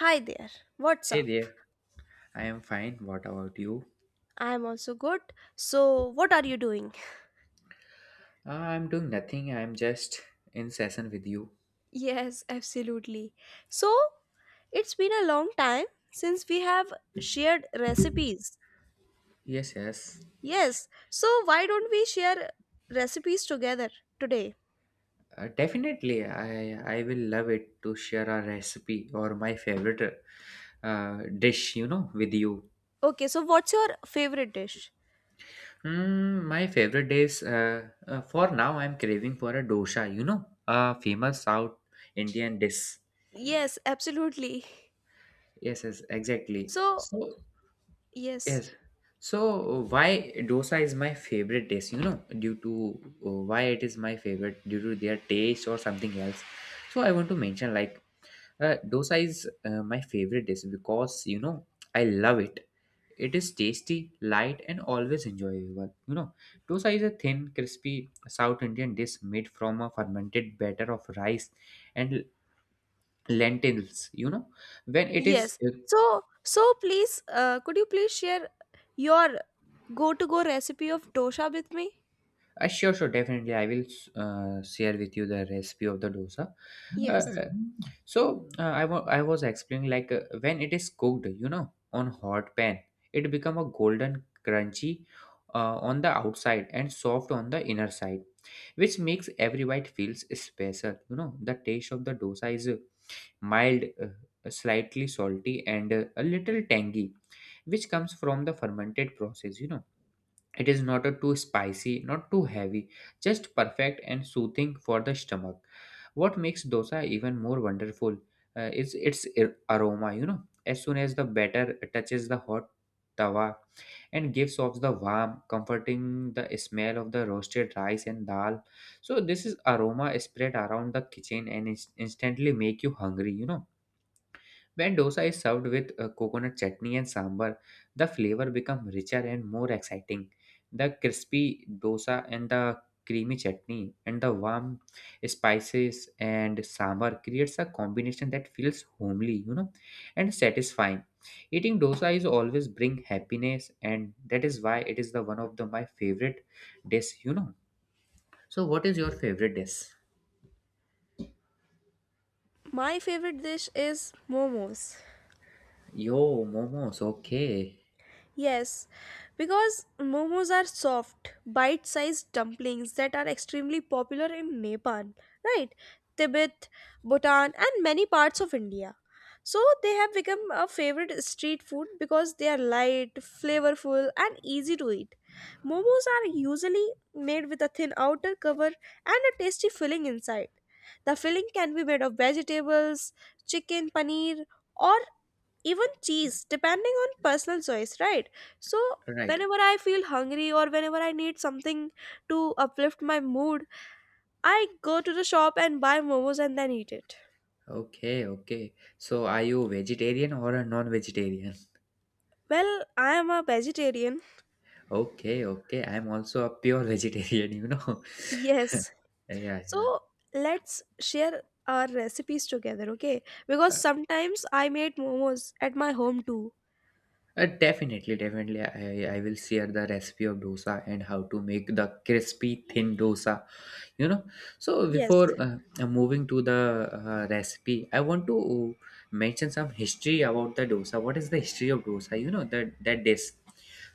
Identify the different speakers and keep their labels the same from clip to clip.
Speaker 1: Hi there, what's
Speaker 2: Hey
Speaker 1: up?
Speaker 2: there, I am fine. What about you?
Speaker 1: I'm also good. So, what are you doing?
Speaker 2: I'm doing nothing. I'm just in session with you.
Speaker 1: Yes, absolutely. So, it's been a long time since we have shared recipes.
Speaker 2: Yes, yes.
Speaker 1: Yes, so why don't we share recipes together today?
Speaker 2: Definitely, I will love it to share a recipe or my favorite uh, dish with you.
Speaker 1: Okay, so what's your favorite dish?
Speaker 2: My favorite dish for now I'm craving for a dosa, a famous South Indian dish.
Speaker 1: Yes, absolutely.
Speaker 2: Yes, yes, exactly.
Speaker 1: So,
Speaker 2: So.
Speaker 1: yes,
Speaker 2: Yes. So why dosa is my favorite dish, due to why it is my favorite due to their taste or something else. So I want to mention like dosa is my favorite dish because I love it. It is tasty, light, and always enjoyable. Dosa is a thin, crispy South Indian dish made from a fermented batter of rice and lentils. When it is
Speaker 1: yes. So please, could you please share your go-to-go recipe of dosha with me?
Speaker 2: Sure, sure, definitely. I will share with you the recipe of the dosa.
Speaker 1: Yes.
Speaker 2: Uh, I was explaining like when it is cooked, on hot pan, it become a golden crunchy on the outside and soft on the inner side, which makes every bite feels special. The taste of the dosa is mild, slightly salty, and a little tangy, which comes from the fermented process. It is not a too spicy, not too heavy, just perfect and soothing for the stomach. What makes dosa even more wonderful is its aroma. As soon as the batter touches the hot tawa and gives off the warm, comforting the smell of the roasted rice and dal. So this is aroma spread around the kitchen and instantly make you hungry, when dosa is served with coconut chutney and sambar, the flavor become richer and more exciting. The crispy dosa and the creamy chutney and the warm spices and sambar creates a combination that feels homely, and satisfying. Eating dosa is always bring happiness and that is why it is the one of the my favorite dish. So what is your favorite dish?
Speaker 1: My favorite dish is momos.
Speaker 2: Yo, momos, okay.
Speaker 1: Yes, because momos are soft, bite sized dumplings that are extremely popular in Nepal, right? Tibet, Bhutan, and many parts of India. So they have become a favorite street food because they are light, flavorful, and easy to eat. Momos are usually made with a thin outer cover and a tasty filling inside. The filling can be made of vegetables, chicken, paneer, or even cheese, depending on personal choice, right? So
Speaker 2: Right.
Speaker 1: whenever I feel hungry or whenever I need something to uplift my mood, I go to the shop and buy momos and then eat it.
Speaker 2: Okay, okay. So are you vegetarian or a non-vegetarian?
Speaker 1: Well, I am a vegetarian.
Speaker 2: Okay, okay. I'm also a pure vegetarian.
Speaker 1: Yes.
Speaker 2: Yeah, yeah.
Speaker 1: So let's share our recipes together, okay? Because sometimes I made momos at my home too.
Speaker 2: Definitely, definitely. I will share the recipe of dosa and how to make the crispy thin dosa. You know, so
Speaker 1: Yes.
Speaker 2: before moving to the recipe, I want to mention some history about the dosa. What is the history of dosa? You know that that dish.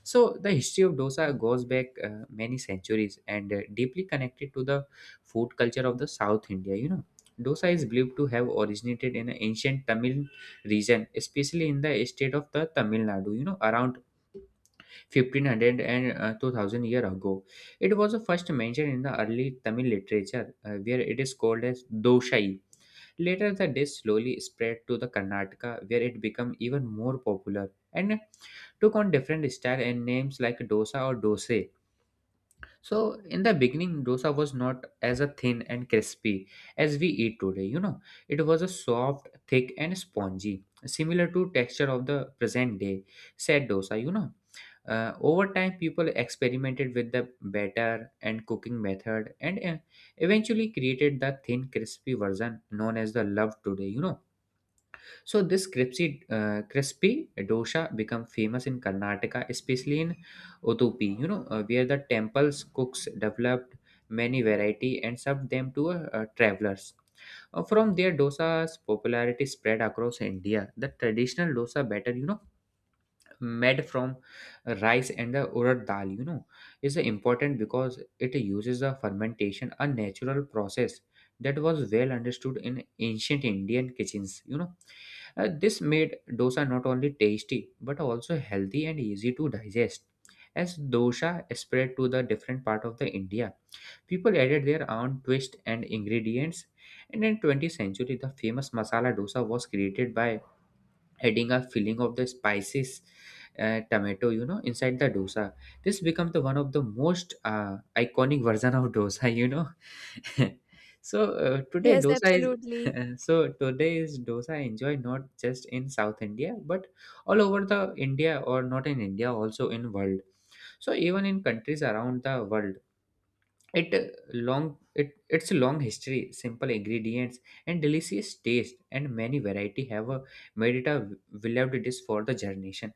Speaker 2: So the history of dosa goes back many centuries and deeply connected to the food culture of the South India. Dosa is believed to have originated in an ancient Tamil region, especially in the state of the Tamil Nadu, around 1500 and 2000 year ago. It was first mentioned in the early Tamil literature, where it is called as Doshai. Later, the dish slowly spread to the Karnataka, where it became even more popular and took on different style and names like dosa or dose. So in the beginning, dosa was not as a thin and crispy as we eat today. It was a soft, thick, and spongy, similar to texture of the present day. Said dosa. Over time, people experimented with the batter and cooking method, and eventually created the thin, crispy version known as the love today. So this crispy dosa become famous in Karnataka, especially in Udupi. Where the temples cooks developed many variety and served them to travelers. From there, dosa's popularity spread across India. The traditional dosa batter, made from rice and the urad dal is important because it uses the fermentation a natural process that was well understood in ancient Indian kitchens. This made dosa not only tasty but also healthy and easy to digest. As dosa spread to the different part of the India, people added their own twist and ingredients, and in 20th century the famous masala dosa was created by adding a filling of the spices, tomato, inside the dosa. This becomes the one of the most iconic version of dosa. so today
Speaker 1: Yes,
Speaker 2: dosa
Speaker 1: absolutely.
Speaker 2: is So today is dosa enjoyed not just in South India, but all over the India, or not in India, also in world. So even in countries around the world, it's a long history, simple ingredients, and delicious taste, and many variety have a made it a beloved dish for the generation.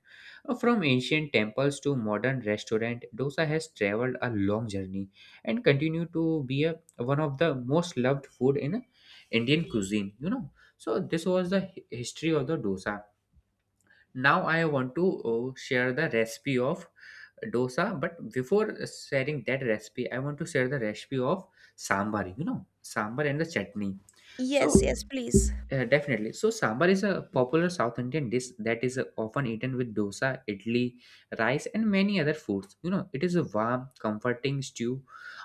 Speaker 2: From ancient temples to modern restaurant, dosa has traveled a long journey and continue to be a, one of the most loved food in Indian cuisine. So this was the history of the dosa. Now I want to share the recipe of dosa, but before sharing that recipe I want to share the recipe of sambar. Sambar and the chutney. so
Speaker 1: Yes, yes, please.
Speaker 2: uh, definitely. So sambar is a popular South Indian dish that is often eaten with dosa, idli, rice, and many other foods. It is a warm comforting stew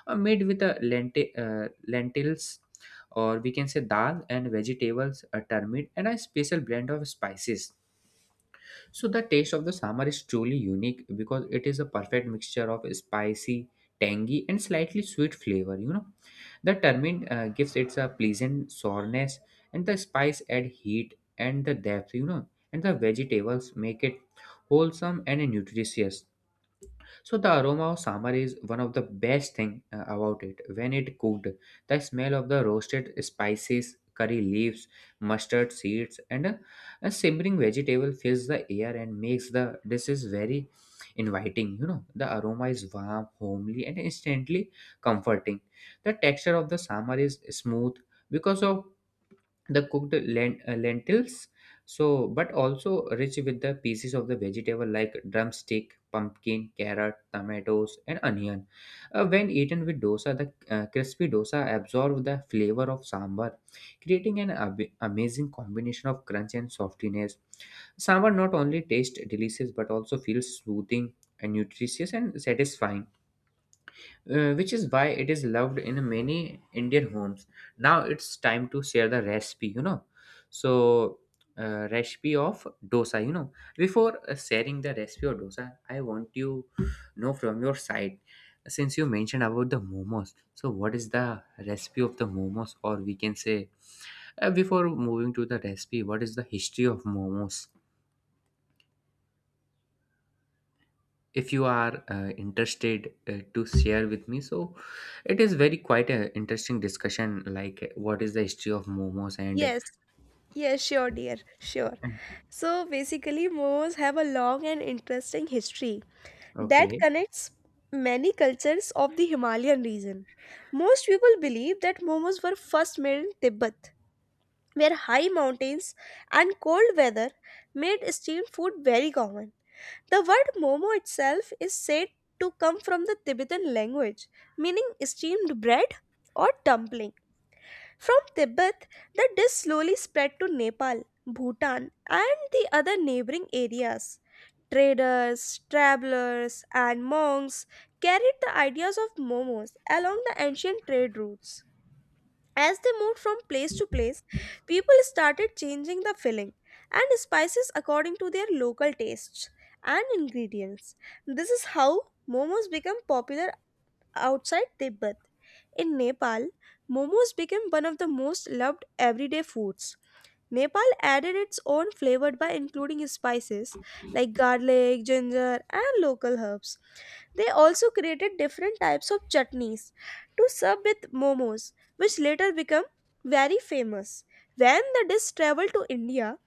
Speaker 2: made with a lentils, or we can say, dal, and vegetables, a turmeric, and a special blend of spices. So the taste of the sambar is truly unique because it is a perfect mixture of spicy, tangy, and slightly sweet flavor. The turmeric gives it a pleasant sourness, and the spice add heat and the depth. And the vegetables make it wholesome and nutritious. So the aroma of sambar is one of the best thing about it. When it cooked, the smell of the roasted spices, curry leaves, mustard seeds, and a simmering vegetable fills the air and makes the dishes very inviting. The aroma is warm, homely, and instantly comforting. The texture of the sambar is smooth because of the cooked lentils, so but also rich with the pieces of the vegetable like drumstick, pumpkin, carrot, tomatoes, and onion. When eaten with dosa, the crispy dosa absorb the flavor of sambar, creating an amazing combination of crunch and softiness. Sambar not only tastes delicious but also feels soothing and nutritious and satisfying, which is why it is loved in many Indian homes. Now it's time to share the recipe. So, recipe of dosa. Before sharing the recipe of dosa, I want from your side, since you mentioned about the momos. So, what is the recipe of the momos, or we can say, before moving to the recipe, what is the history of momos? If you are interested to share with me, so it is very quite a interesting discussion like what is the history of momos, and
Speaker 1: Yes. Yeah, sure, dear. Sure. So basically, Moors have a long and interesting history that
Speaker 2: okay,
Speaker 1: connects many cultures of the Himalayan region. Most people believe that momos were first made in Tibet, where high mountains and cold weather made steamed food very common. The word momo itself is said to come from the Tibetan language, meaning steamed bread or dumpling. From Tibet, the dish slowly spread to Nepal, Bhutan, and the other neighboring areas. Traders, travelers, and monks carried the ideas of momos along the ancient trade routes. As they moved from place to place, people started changing the filling and spices according to their local tastes and ingredients. This is how momos become popular outside Tibet. In Nepal, momos became one of the most loved everyday foods. Nepal added its own flavor by including spices like garlic, ginger, and local herbs. They also created different types of chutneys to serve with momos, which later became very famous. When the dish traveled to India,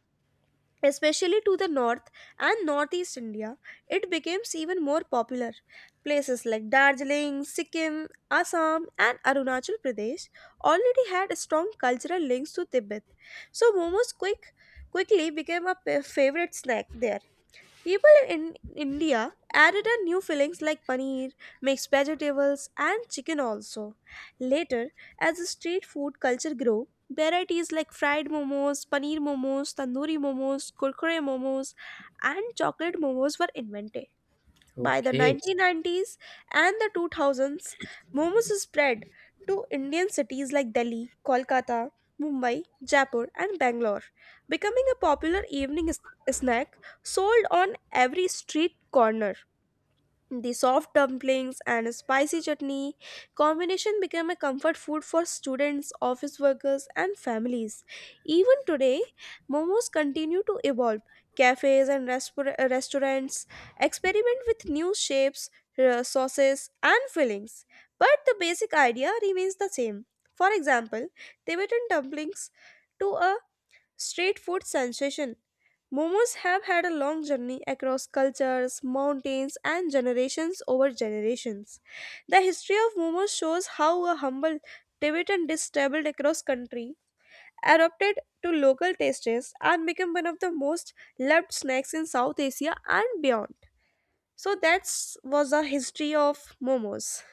Speaker 1: especially to the north and northeast India, it becomes even more popular. Places like Darjeeling, Sikkim, Assam, and Arunachal Pradesh already had strong cultural links to Tibet, so momos quickly became a favorite snack there. People in India added a new fillings like paneer, mixed vegetables, and chicken also. Later, as the street food culture grew, varieties like fried momos, paneer momos, tandoori momos, kurkure momos, and chocolate momos were invented. By the
Speaker 2: okay.
Speaker 1: 1990s and the 2000s, momos spread to Indian cities like Delhi, Kolkata, Mumbai, Jaipur, and Bangalore, becoming a popular evening snack sold on every street corner. The soft dumplings and spicy chutney combination became a comfort food for students, office workers, and families. Even today, momos continue to evolve. Cafes and restaurants experiment with new shapes, sauces, and fillings, but the basic idea remains the same. For example, Tibetan dumplings to a street food sensation Momos have had a long journey across cultures, mountains, and generations over generations. The history of momos shows how a humble Tibetan dish traveled across country, adapted to local tastes, and became one of the most loved snacks in South Asia and beyond. So that was the history of momos.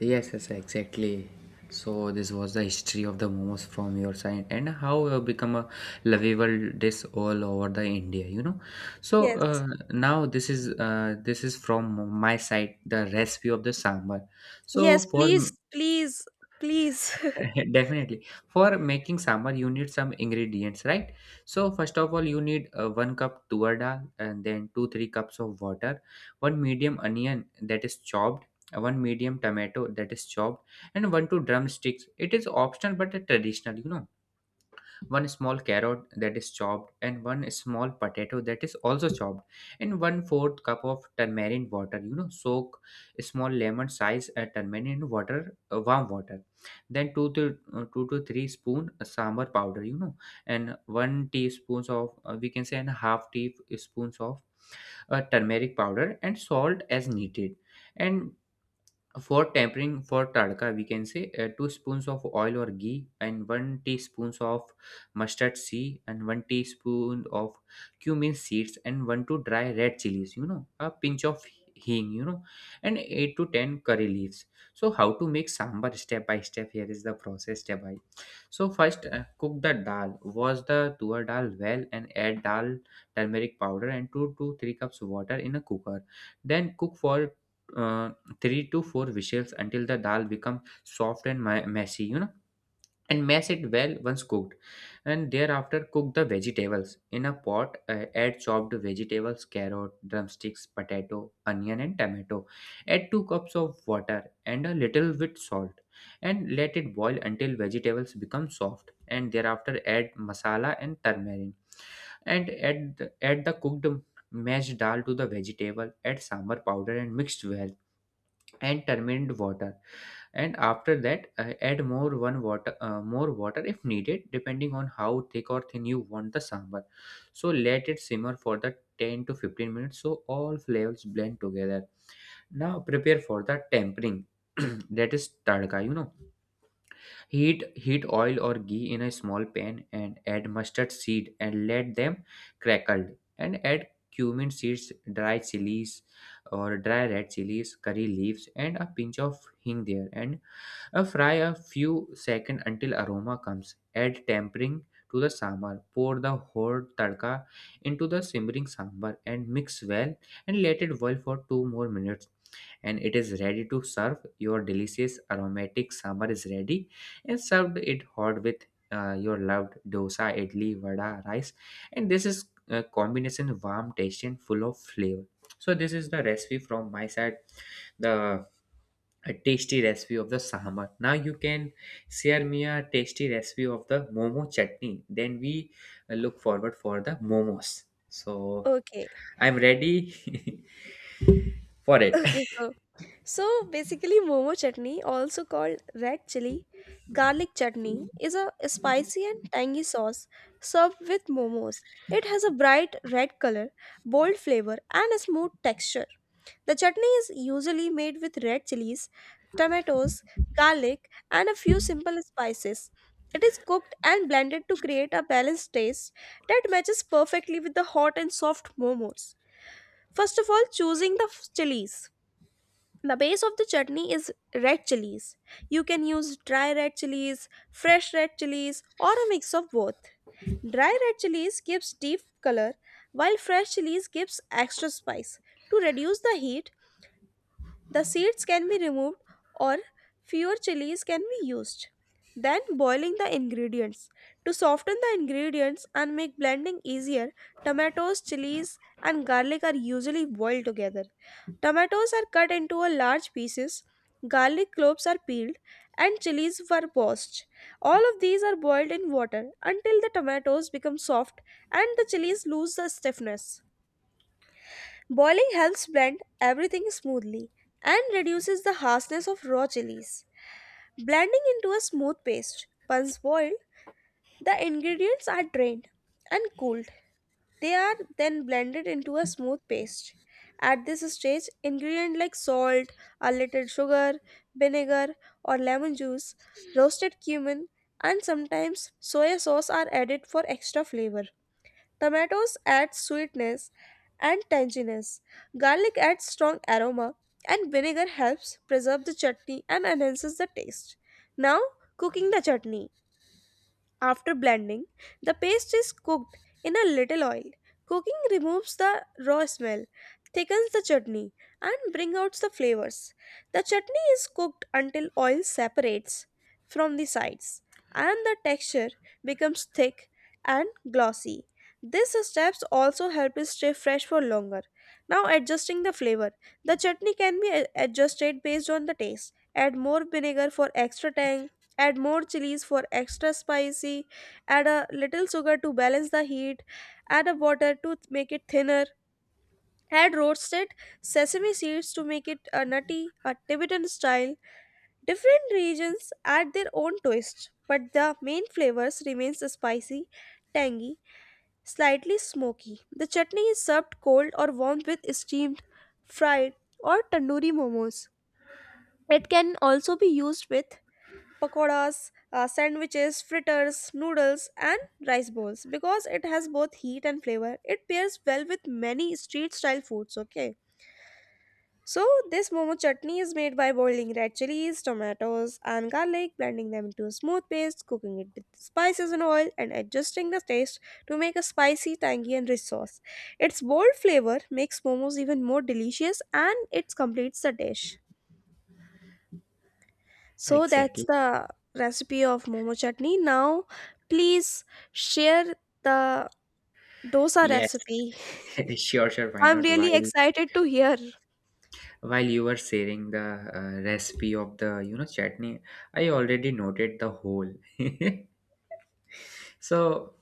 Speaker 2: Yes, yes, exactly. So this was the history of the momos from your side, and how it become a lovable dish all over the India. so
Speaker 1: Yes.
Speaker 2: uh, now this is this is from my side the recipe of the sambar. So
Speaker 1: Yes,
Speaker 2: for
Speaker 1: please, please, please.
Speaker 2: Definitely. For making sambar, you need some ingredients, right? So first of all, you need one cup tuar dal, and then 2-3 cups of water, one medium onion that is chopped, one medium tomato that is chopped, and 1-2 drumsticks. It is optional but a traditional, one small carrot that is chopped, and one small potato that is also chopped, and 1/4 cup of turmeric water. Soak small lemon size turmeric in water, warm water. Then two to three spoon sambar powder. And one teaspoons of, we can say, and a half teaspoons of turmeric powder and salt as needed, and for tempering, for tadka, we can say two spoons of oil or ghee, and one teaspoon of mustard seed, and one teaspoon of cumin seeds, and one to dry red chilies. A pinch of hing. And 8 to 10 curry leaves. So how to make sambar step by step? Here is the process step by. So first, cook the dal. Wash the tuar dal well and add dal, turmeric powder, and 2 to 3 cups water in a cooker. Then cook for uh, 3 to 4 whistles until the dal becomes soft and messy, and mash it well once cooked. And thereafter cook the vegetables in a pot. Add chopped vegetables, carrot, drumsticks, potato, onion and tomato. Add 2 cups of water and a little bit salt, and let it boil until vegetables become soft. And thereafter add masala and turmeric, and add the cooked mashed dal to the vegetable. Add sambar powder and mixed well, and terminate water. And after that, add more one water, more water if needed, depending on how thick or thin you want the sambar. So let it simmer for the 10 to 15 minutes so all flavors blend together. Now prepare for the tempering, that is tadka, Heat oil or ghee in a small pan and add mustard seed and let them crackle. And add cumin seeds, dry chilies or dry red chilies, curry leaves and a pinch of hing there. And fry a few seconds until aroma comes. Add tempering to the sambar. Pour the hot tadka into the simmering sambar and mix well, and let it boil for 2 more minutes, and it is ready to serve. Your delicious aromatic summer is ready and served it hot with your loved dosa, idli, vada, rice. And this is a combination warm, tasty, and full of flavor. So this is the recipe from my side. The A tasty recipe of the sambar. Now you can share me a tasty recipe of the momo chutney. Then we look forward for the momos. So
Speaker 1: Okay.
Speaker 2: I'm ready for it.
Speaker 1: Okay, so so basically momo chutney, also called red chili garlic chutney, is a spicy and tangy sauce served with momos. It has a bright red color, bold flavor, and a smooth texture. The chutney is usually made with red chilies, tomatoes, garlic, and a few simple spices. It is cooked and blended to create a balanced taste that matches perfectly with the hot and soft momos. First of all, choosing the chilies. The base of the chutney is red chilies. You can use dry red chilies, fresh red chilies, or a mix of both. Dry red chilies gives deep color, while fresh chilies gives extra spice. To reduce the heat, the seeds can be removed or fewer chilies can be used. Then boiling the ingredients. To soften the ingredients and make blending easier, tomatoes, chilies, and garlic are usually boiled together. Tomatoes are cut into a large pieces, garlic cloves are peeled, and chilies were poached. All of these are boiled in water until the tomatoes become soft and the chilies lose the stiffness. Boiling helps blend everything smoothly and reduces the harshness of raw chilies. Blending into a smooth paste. Once boiled, the ingredients are drained and cooled. They are then blended into a smooth paste. At this stage, ingredients like salt, a little sugar, vinegar, or lemon juice, roasted cumin, and sometimes soy sauce are added for extra flavor. Tomatoes add sweetness and tanginess. Garlic adds strong aroma, and vinegar helps preserve the chutney and enhances the taste. Now, cooking the chutney. After blending, the paste is cooked in a little oil. Cooking removes the raw smell, thickens the chutney, and brings out the flavors. The chutney is cooked until oil separates from the sides and the texture becomes thick and glossy. These steps also help it stay fresh for longer. Now, adjusting the flavor. The chutney can be adjusted based on the taste. Add more vinegar for extra tang, add more chilies for extra spicy, add a little sugar to balance the heat, add a water to make it thinner, add roasted sesame seeds to make it a nutty a tibetan style. Different regions add their own twist, but the main flavors remains the spicy, tangy, slightly smoky. The chutney is served cold or warmed with steamed, fried, or tandoori momos. It can also be used with pakoras, sandwiches, fritters, noodles, and rice bowls. Because it has both heat and flavor, it pairs well with many street style foods. Okay. So, this momo chutney is made by boiling red chilies, tomatoes, and garlic, blending them into a smooth paste, cooking it with spices and oil, and adjusting the taste to make a spicy, tangy, and rich sauce. Its bold flavor makes momos even more delicious and it completes the dish. So that's
Speaker 2: Exactly.
Speaker 1: the recipe of momo chutney. Now, please share the dosa
Speaker 2: Yes.
Speaker 1: recipe.
Speaker 2: Sure, sure. Why
Speaker 1: I'm
Speaker 2: not?
Speaker 1: really excited to hear.
Speaker 2: While you were sharing the recipe of the chutney, I already noted the whole. So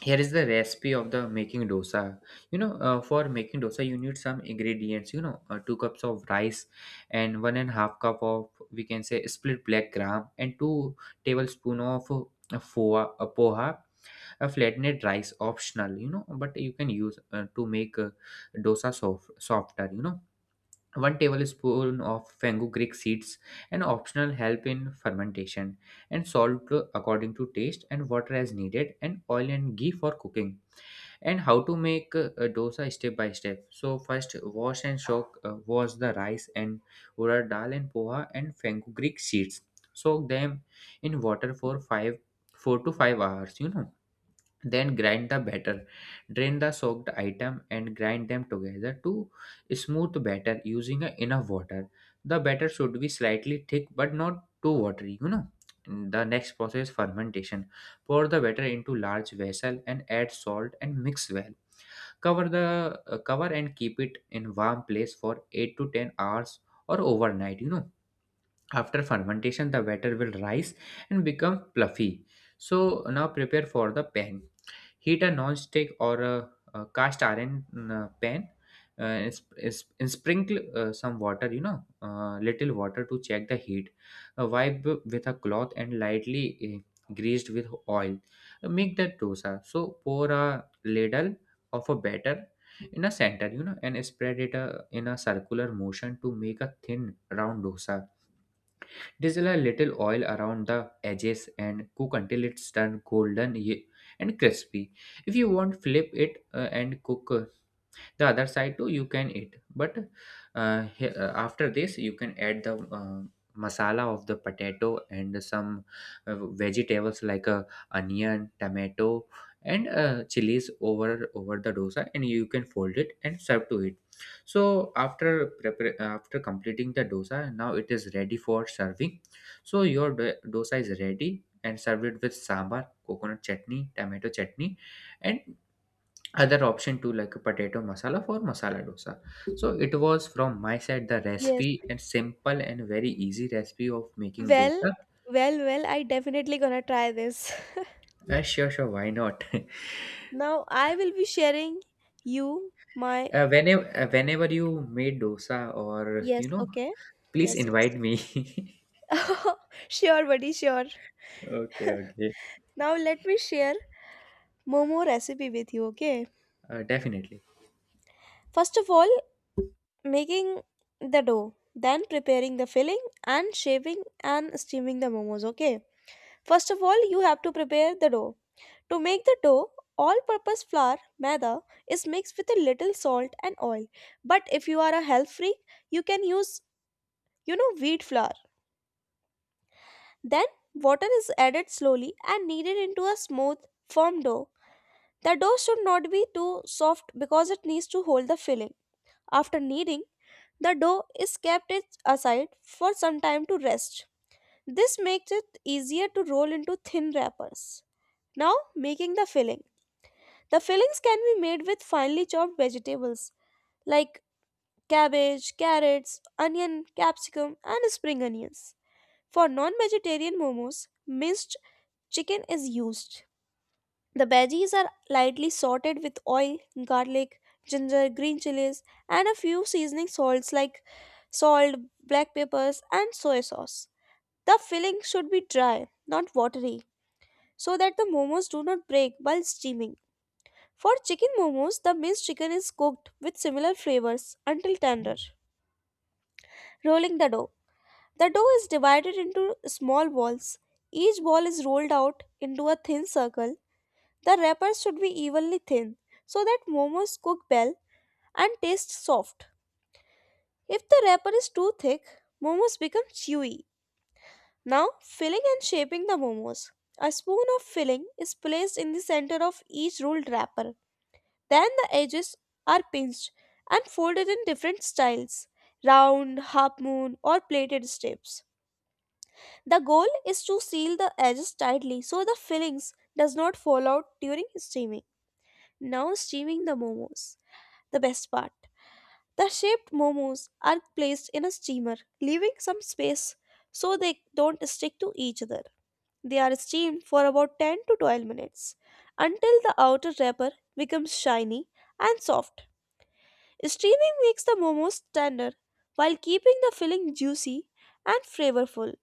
Speaker 2: here is the recipe of the making dosa. For making dosa, you need some ingredients. Two cups of rice and one and a half cup of, we can say, split black gram, and two tablespoon of poha, a flattened rice optional. You know, but you can use to make dosa soft, softer, 1 tablespoon of fenugreek seeds, an optional help in fermentation, and salt according to taste, and water as needed, and oil and ghee for cooking. And how to make a dosa step by step. So first wash and soak, wash the rice and urad dal and poha and fenugreek seeds. Soak them in water for 5 4 to 5 hours, then grind the batter. Drain the soaked item and grind them together to smooth batter using a enough water. The batter should be slightly thick but not too watery, the next process, fermentation. Pour the batter into large vessel and add salt and mix well. Cover the uh, cover and keep it in warm place for 8 to 10 hours or overnight, after fermentation, the batter will rise and become fluffy. So now prepare for the pan. Heat a non-stick or a cast iron pan. Uh, and, sp- and and sprinkle some water, you know, little water to check the heat. Wipe with a cloth and lightly greased with oil. Make the dosa. So pour a ladle of a batter in a center, you know, and spread it in a circular motion to make a thin round dosa. Drizzle a little oil around the edges and cook until it's turned and crispy. If you want, flip it and cook the other side too, you can eat. But after this you can add the uh, masala of the potato and some vegetables like onion, tomato and chilies over the dosa, and you can fold it and serve to it. So after completing the dosa, now it is ready for serving. So your dosa is ready and served with sambar, coconut chutney, tomato chutney and other option too, like a potato masala for masala dosa. So it was from my side, the
Speaker 1: Yes.
Speaker 2: recipe, and simple and very easy recipe of making
Speaker 1: Well,
Speaker 2: dosa.
Speaker 1: well, I definitely gonna try this.
Speaker 2: Sure, sure, why not? uh,
Speaker 1: Now I will be sharing you my
Speaker 2: whenever uh, whenever you made dosa, or
Speaker 1: yes, okay.
Speaker 2: please
Speaker 1: Yes, yes.
Speaker 2: invite me.
Speaker 1: Sure, buddy, sure.
Speaker 2: Okay, okay.
Speaker 1: Now let me share momo recipe with you, okay?
Speaker 2: Definitely.
Speaker 1: First of all, making the dough, then preparing the filling and shaping and steaming the momos, okay? First of all, you have to prepare the dough. To make the dough, all purpose flour, maida, is mixed with a little salt and oil. But if you are a health freak, you can use, you know, wheat flour. Then water is added slowly and kneaded into a smooth, firm dough. The dough should not be too soft because it needs to hold the filling. After kneading, the dough is kept it aside for some time to rest. This makes it easier to roll into thin wrappers. Now, making the filling. The fillings can be made with finely chopped vegetables like cabbage, carrots, onion, capsicum, and spring onions. For non vegetarian momos, minced chicken is used. The veggies are lightly sauteed with oil, garlic, ginger, green chilies, and a few seasoning salts like salt, black peppers, and soy sauce. The filling should be dry, not watery, so that the momos do not break while steaming. For chicken momos, the minced chicken is cooked with similar flavors until tender. Rolling the dough. The dough is divided into small balls. Each ball is rolled out into a thin circle. The wrappers should be evenly thin so that momos cook well and taste soft. If the wrapper is too thick, momos become chewy. Now, filling and shaping the momos. A spoon of filling is placed in the center of each rolled wrapper. Then the edges are pinched and folded in different styles round, half moon, or plated strips. The goal is to seal the edges tightly so the fillings does not fall out during steaming. Now steaming the momos. The best part. The shaped momos are placed in a steamer, leaving some space so they don't stick to each other. They are steamed for about 10 to 12 minutes until the outer wrapper becomes shiny and soft. Steaming makes the momos tender while keeping the filling juicy and flavorful.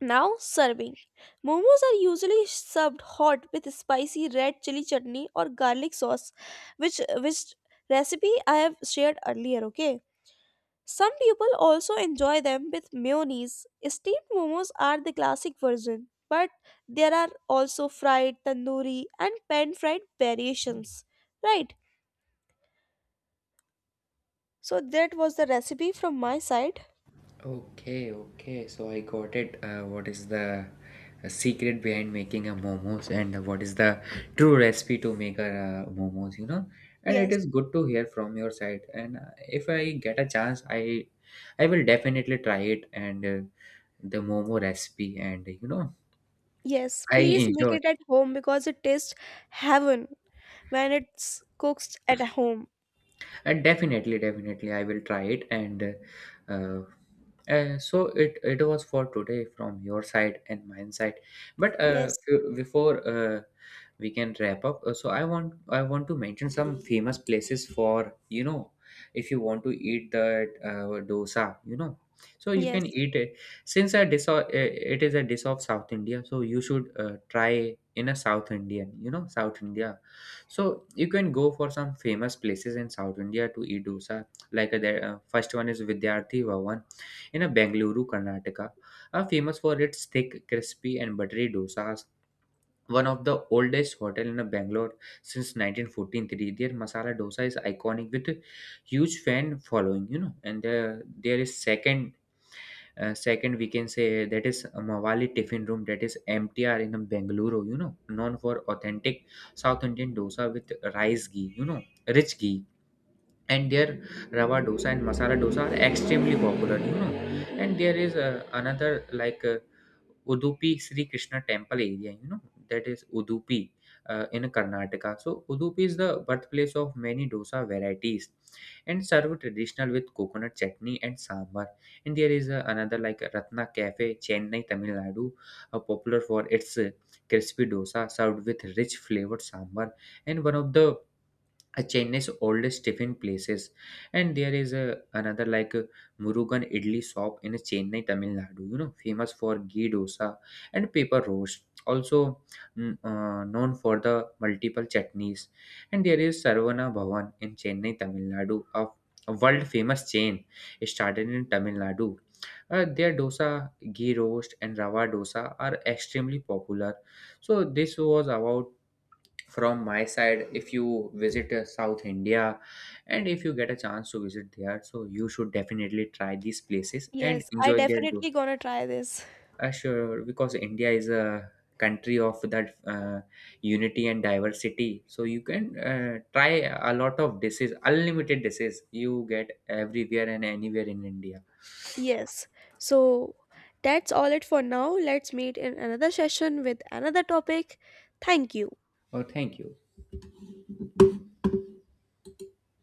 Speaker 1: Now serving. Momos are usually served hot with spicy red chili chutney or garlic sauce, which recipe I have shared earlier, okay? Some people also enjoy them with mayonnaise. Steamed momos are the classic version, but there are also fried, tandoori, and pan fried variations. Right? So that was the recipe from my side.
Speaker 2: Okay, okay. So I got it. What is the secret behind making a momos, and what is the true recipe to make a momos? You know, and it
Speaker 1: Yes.
Speaker 2: is good to hear from your side. And if I get a chance, I will definitely try it, and the momo recipe. And you know,
Speaker 1: Yes,
Speaker 2: I
Speaker 1: please make
Speaker 2: enjoy.
Speaker 1: it at home because it tastes heaven when it's cooked at home.
Speaker 2: And definitely I will try it. And uh, so it was for today from your side and mine side. But uh,
Speaker 1: Yes,
Speaker 2: f- before uh, we can wrap up. So I want to mention some famous places for, you know, if you want to eat that dosa, so you
Speaker 1: yes,
Speaker 2: can eat it since it is a dish of South India, so you should try in a South Indian, you know, South India. So you can go for some famous places in South India to eat dosa. Like the first one is Vidyarthi Bhavan in a Bengaluru, Karnataka, famous for its thick, crispy, and buttery dosas. One of the oldest hotel in Bangalore since 1943. Their masala dosa is iconic with a huge fan following, you know. And there is second, we can say, that is Mawali Tiffin Room, that is MTR in Bengaluru, you know, known for authentic South Indian dosa with rice ghee, you know, rich ghee, and their rava dosa and masala dosa are extremely popular, you know. And there is another, like Udupi Sri Krishna Temple area, you know, that is Udupi, in Karnataka. So Udupi is the birthplace of many dosa varieties and served traditional with coconut chutney and sambar. And there is another, like Ratna Cafe, Chennai, Tamil Nadu, popular for its crispy dosa served with rich flavored sambar, and one of the a Chennai's oldest tiffin places. And there is a another, like a Murugan Idli shop in Chennai, Tamil Nadu. You know, famous for ghee dosa and paper roast. Also known for the multiple chutneys. And there is Sarvana Bhavan in Chennai, Tamil Nadu, a world famous chain. It started in Tamil Nadu. Their dosa, ghee roast, and rava dosa are extremely popular. So this was about from my side. If you visit South India, and if you get a chance to visit there, so you should definitely try these places and
Speaker 1: yes. I
Speaker 2: enjoy their do-.
Speaker 1: definitely gonna try this.
Speaker 2: Sure, because India is a country of that uh, unity and diversity, so you can try a lot of dishes, unlimited dishes, you get everywhere and anywhere in India.
Speaker 1: Yes. So that's all it for now. Let's meet in another session with another topic. Thank you.
Speaker 2: Oh, thank you.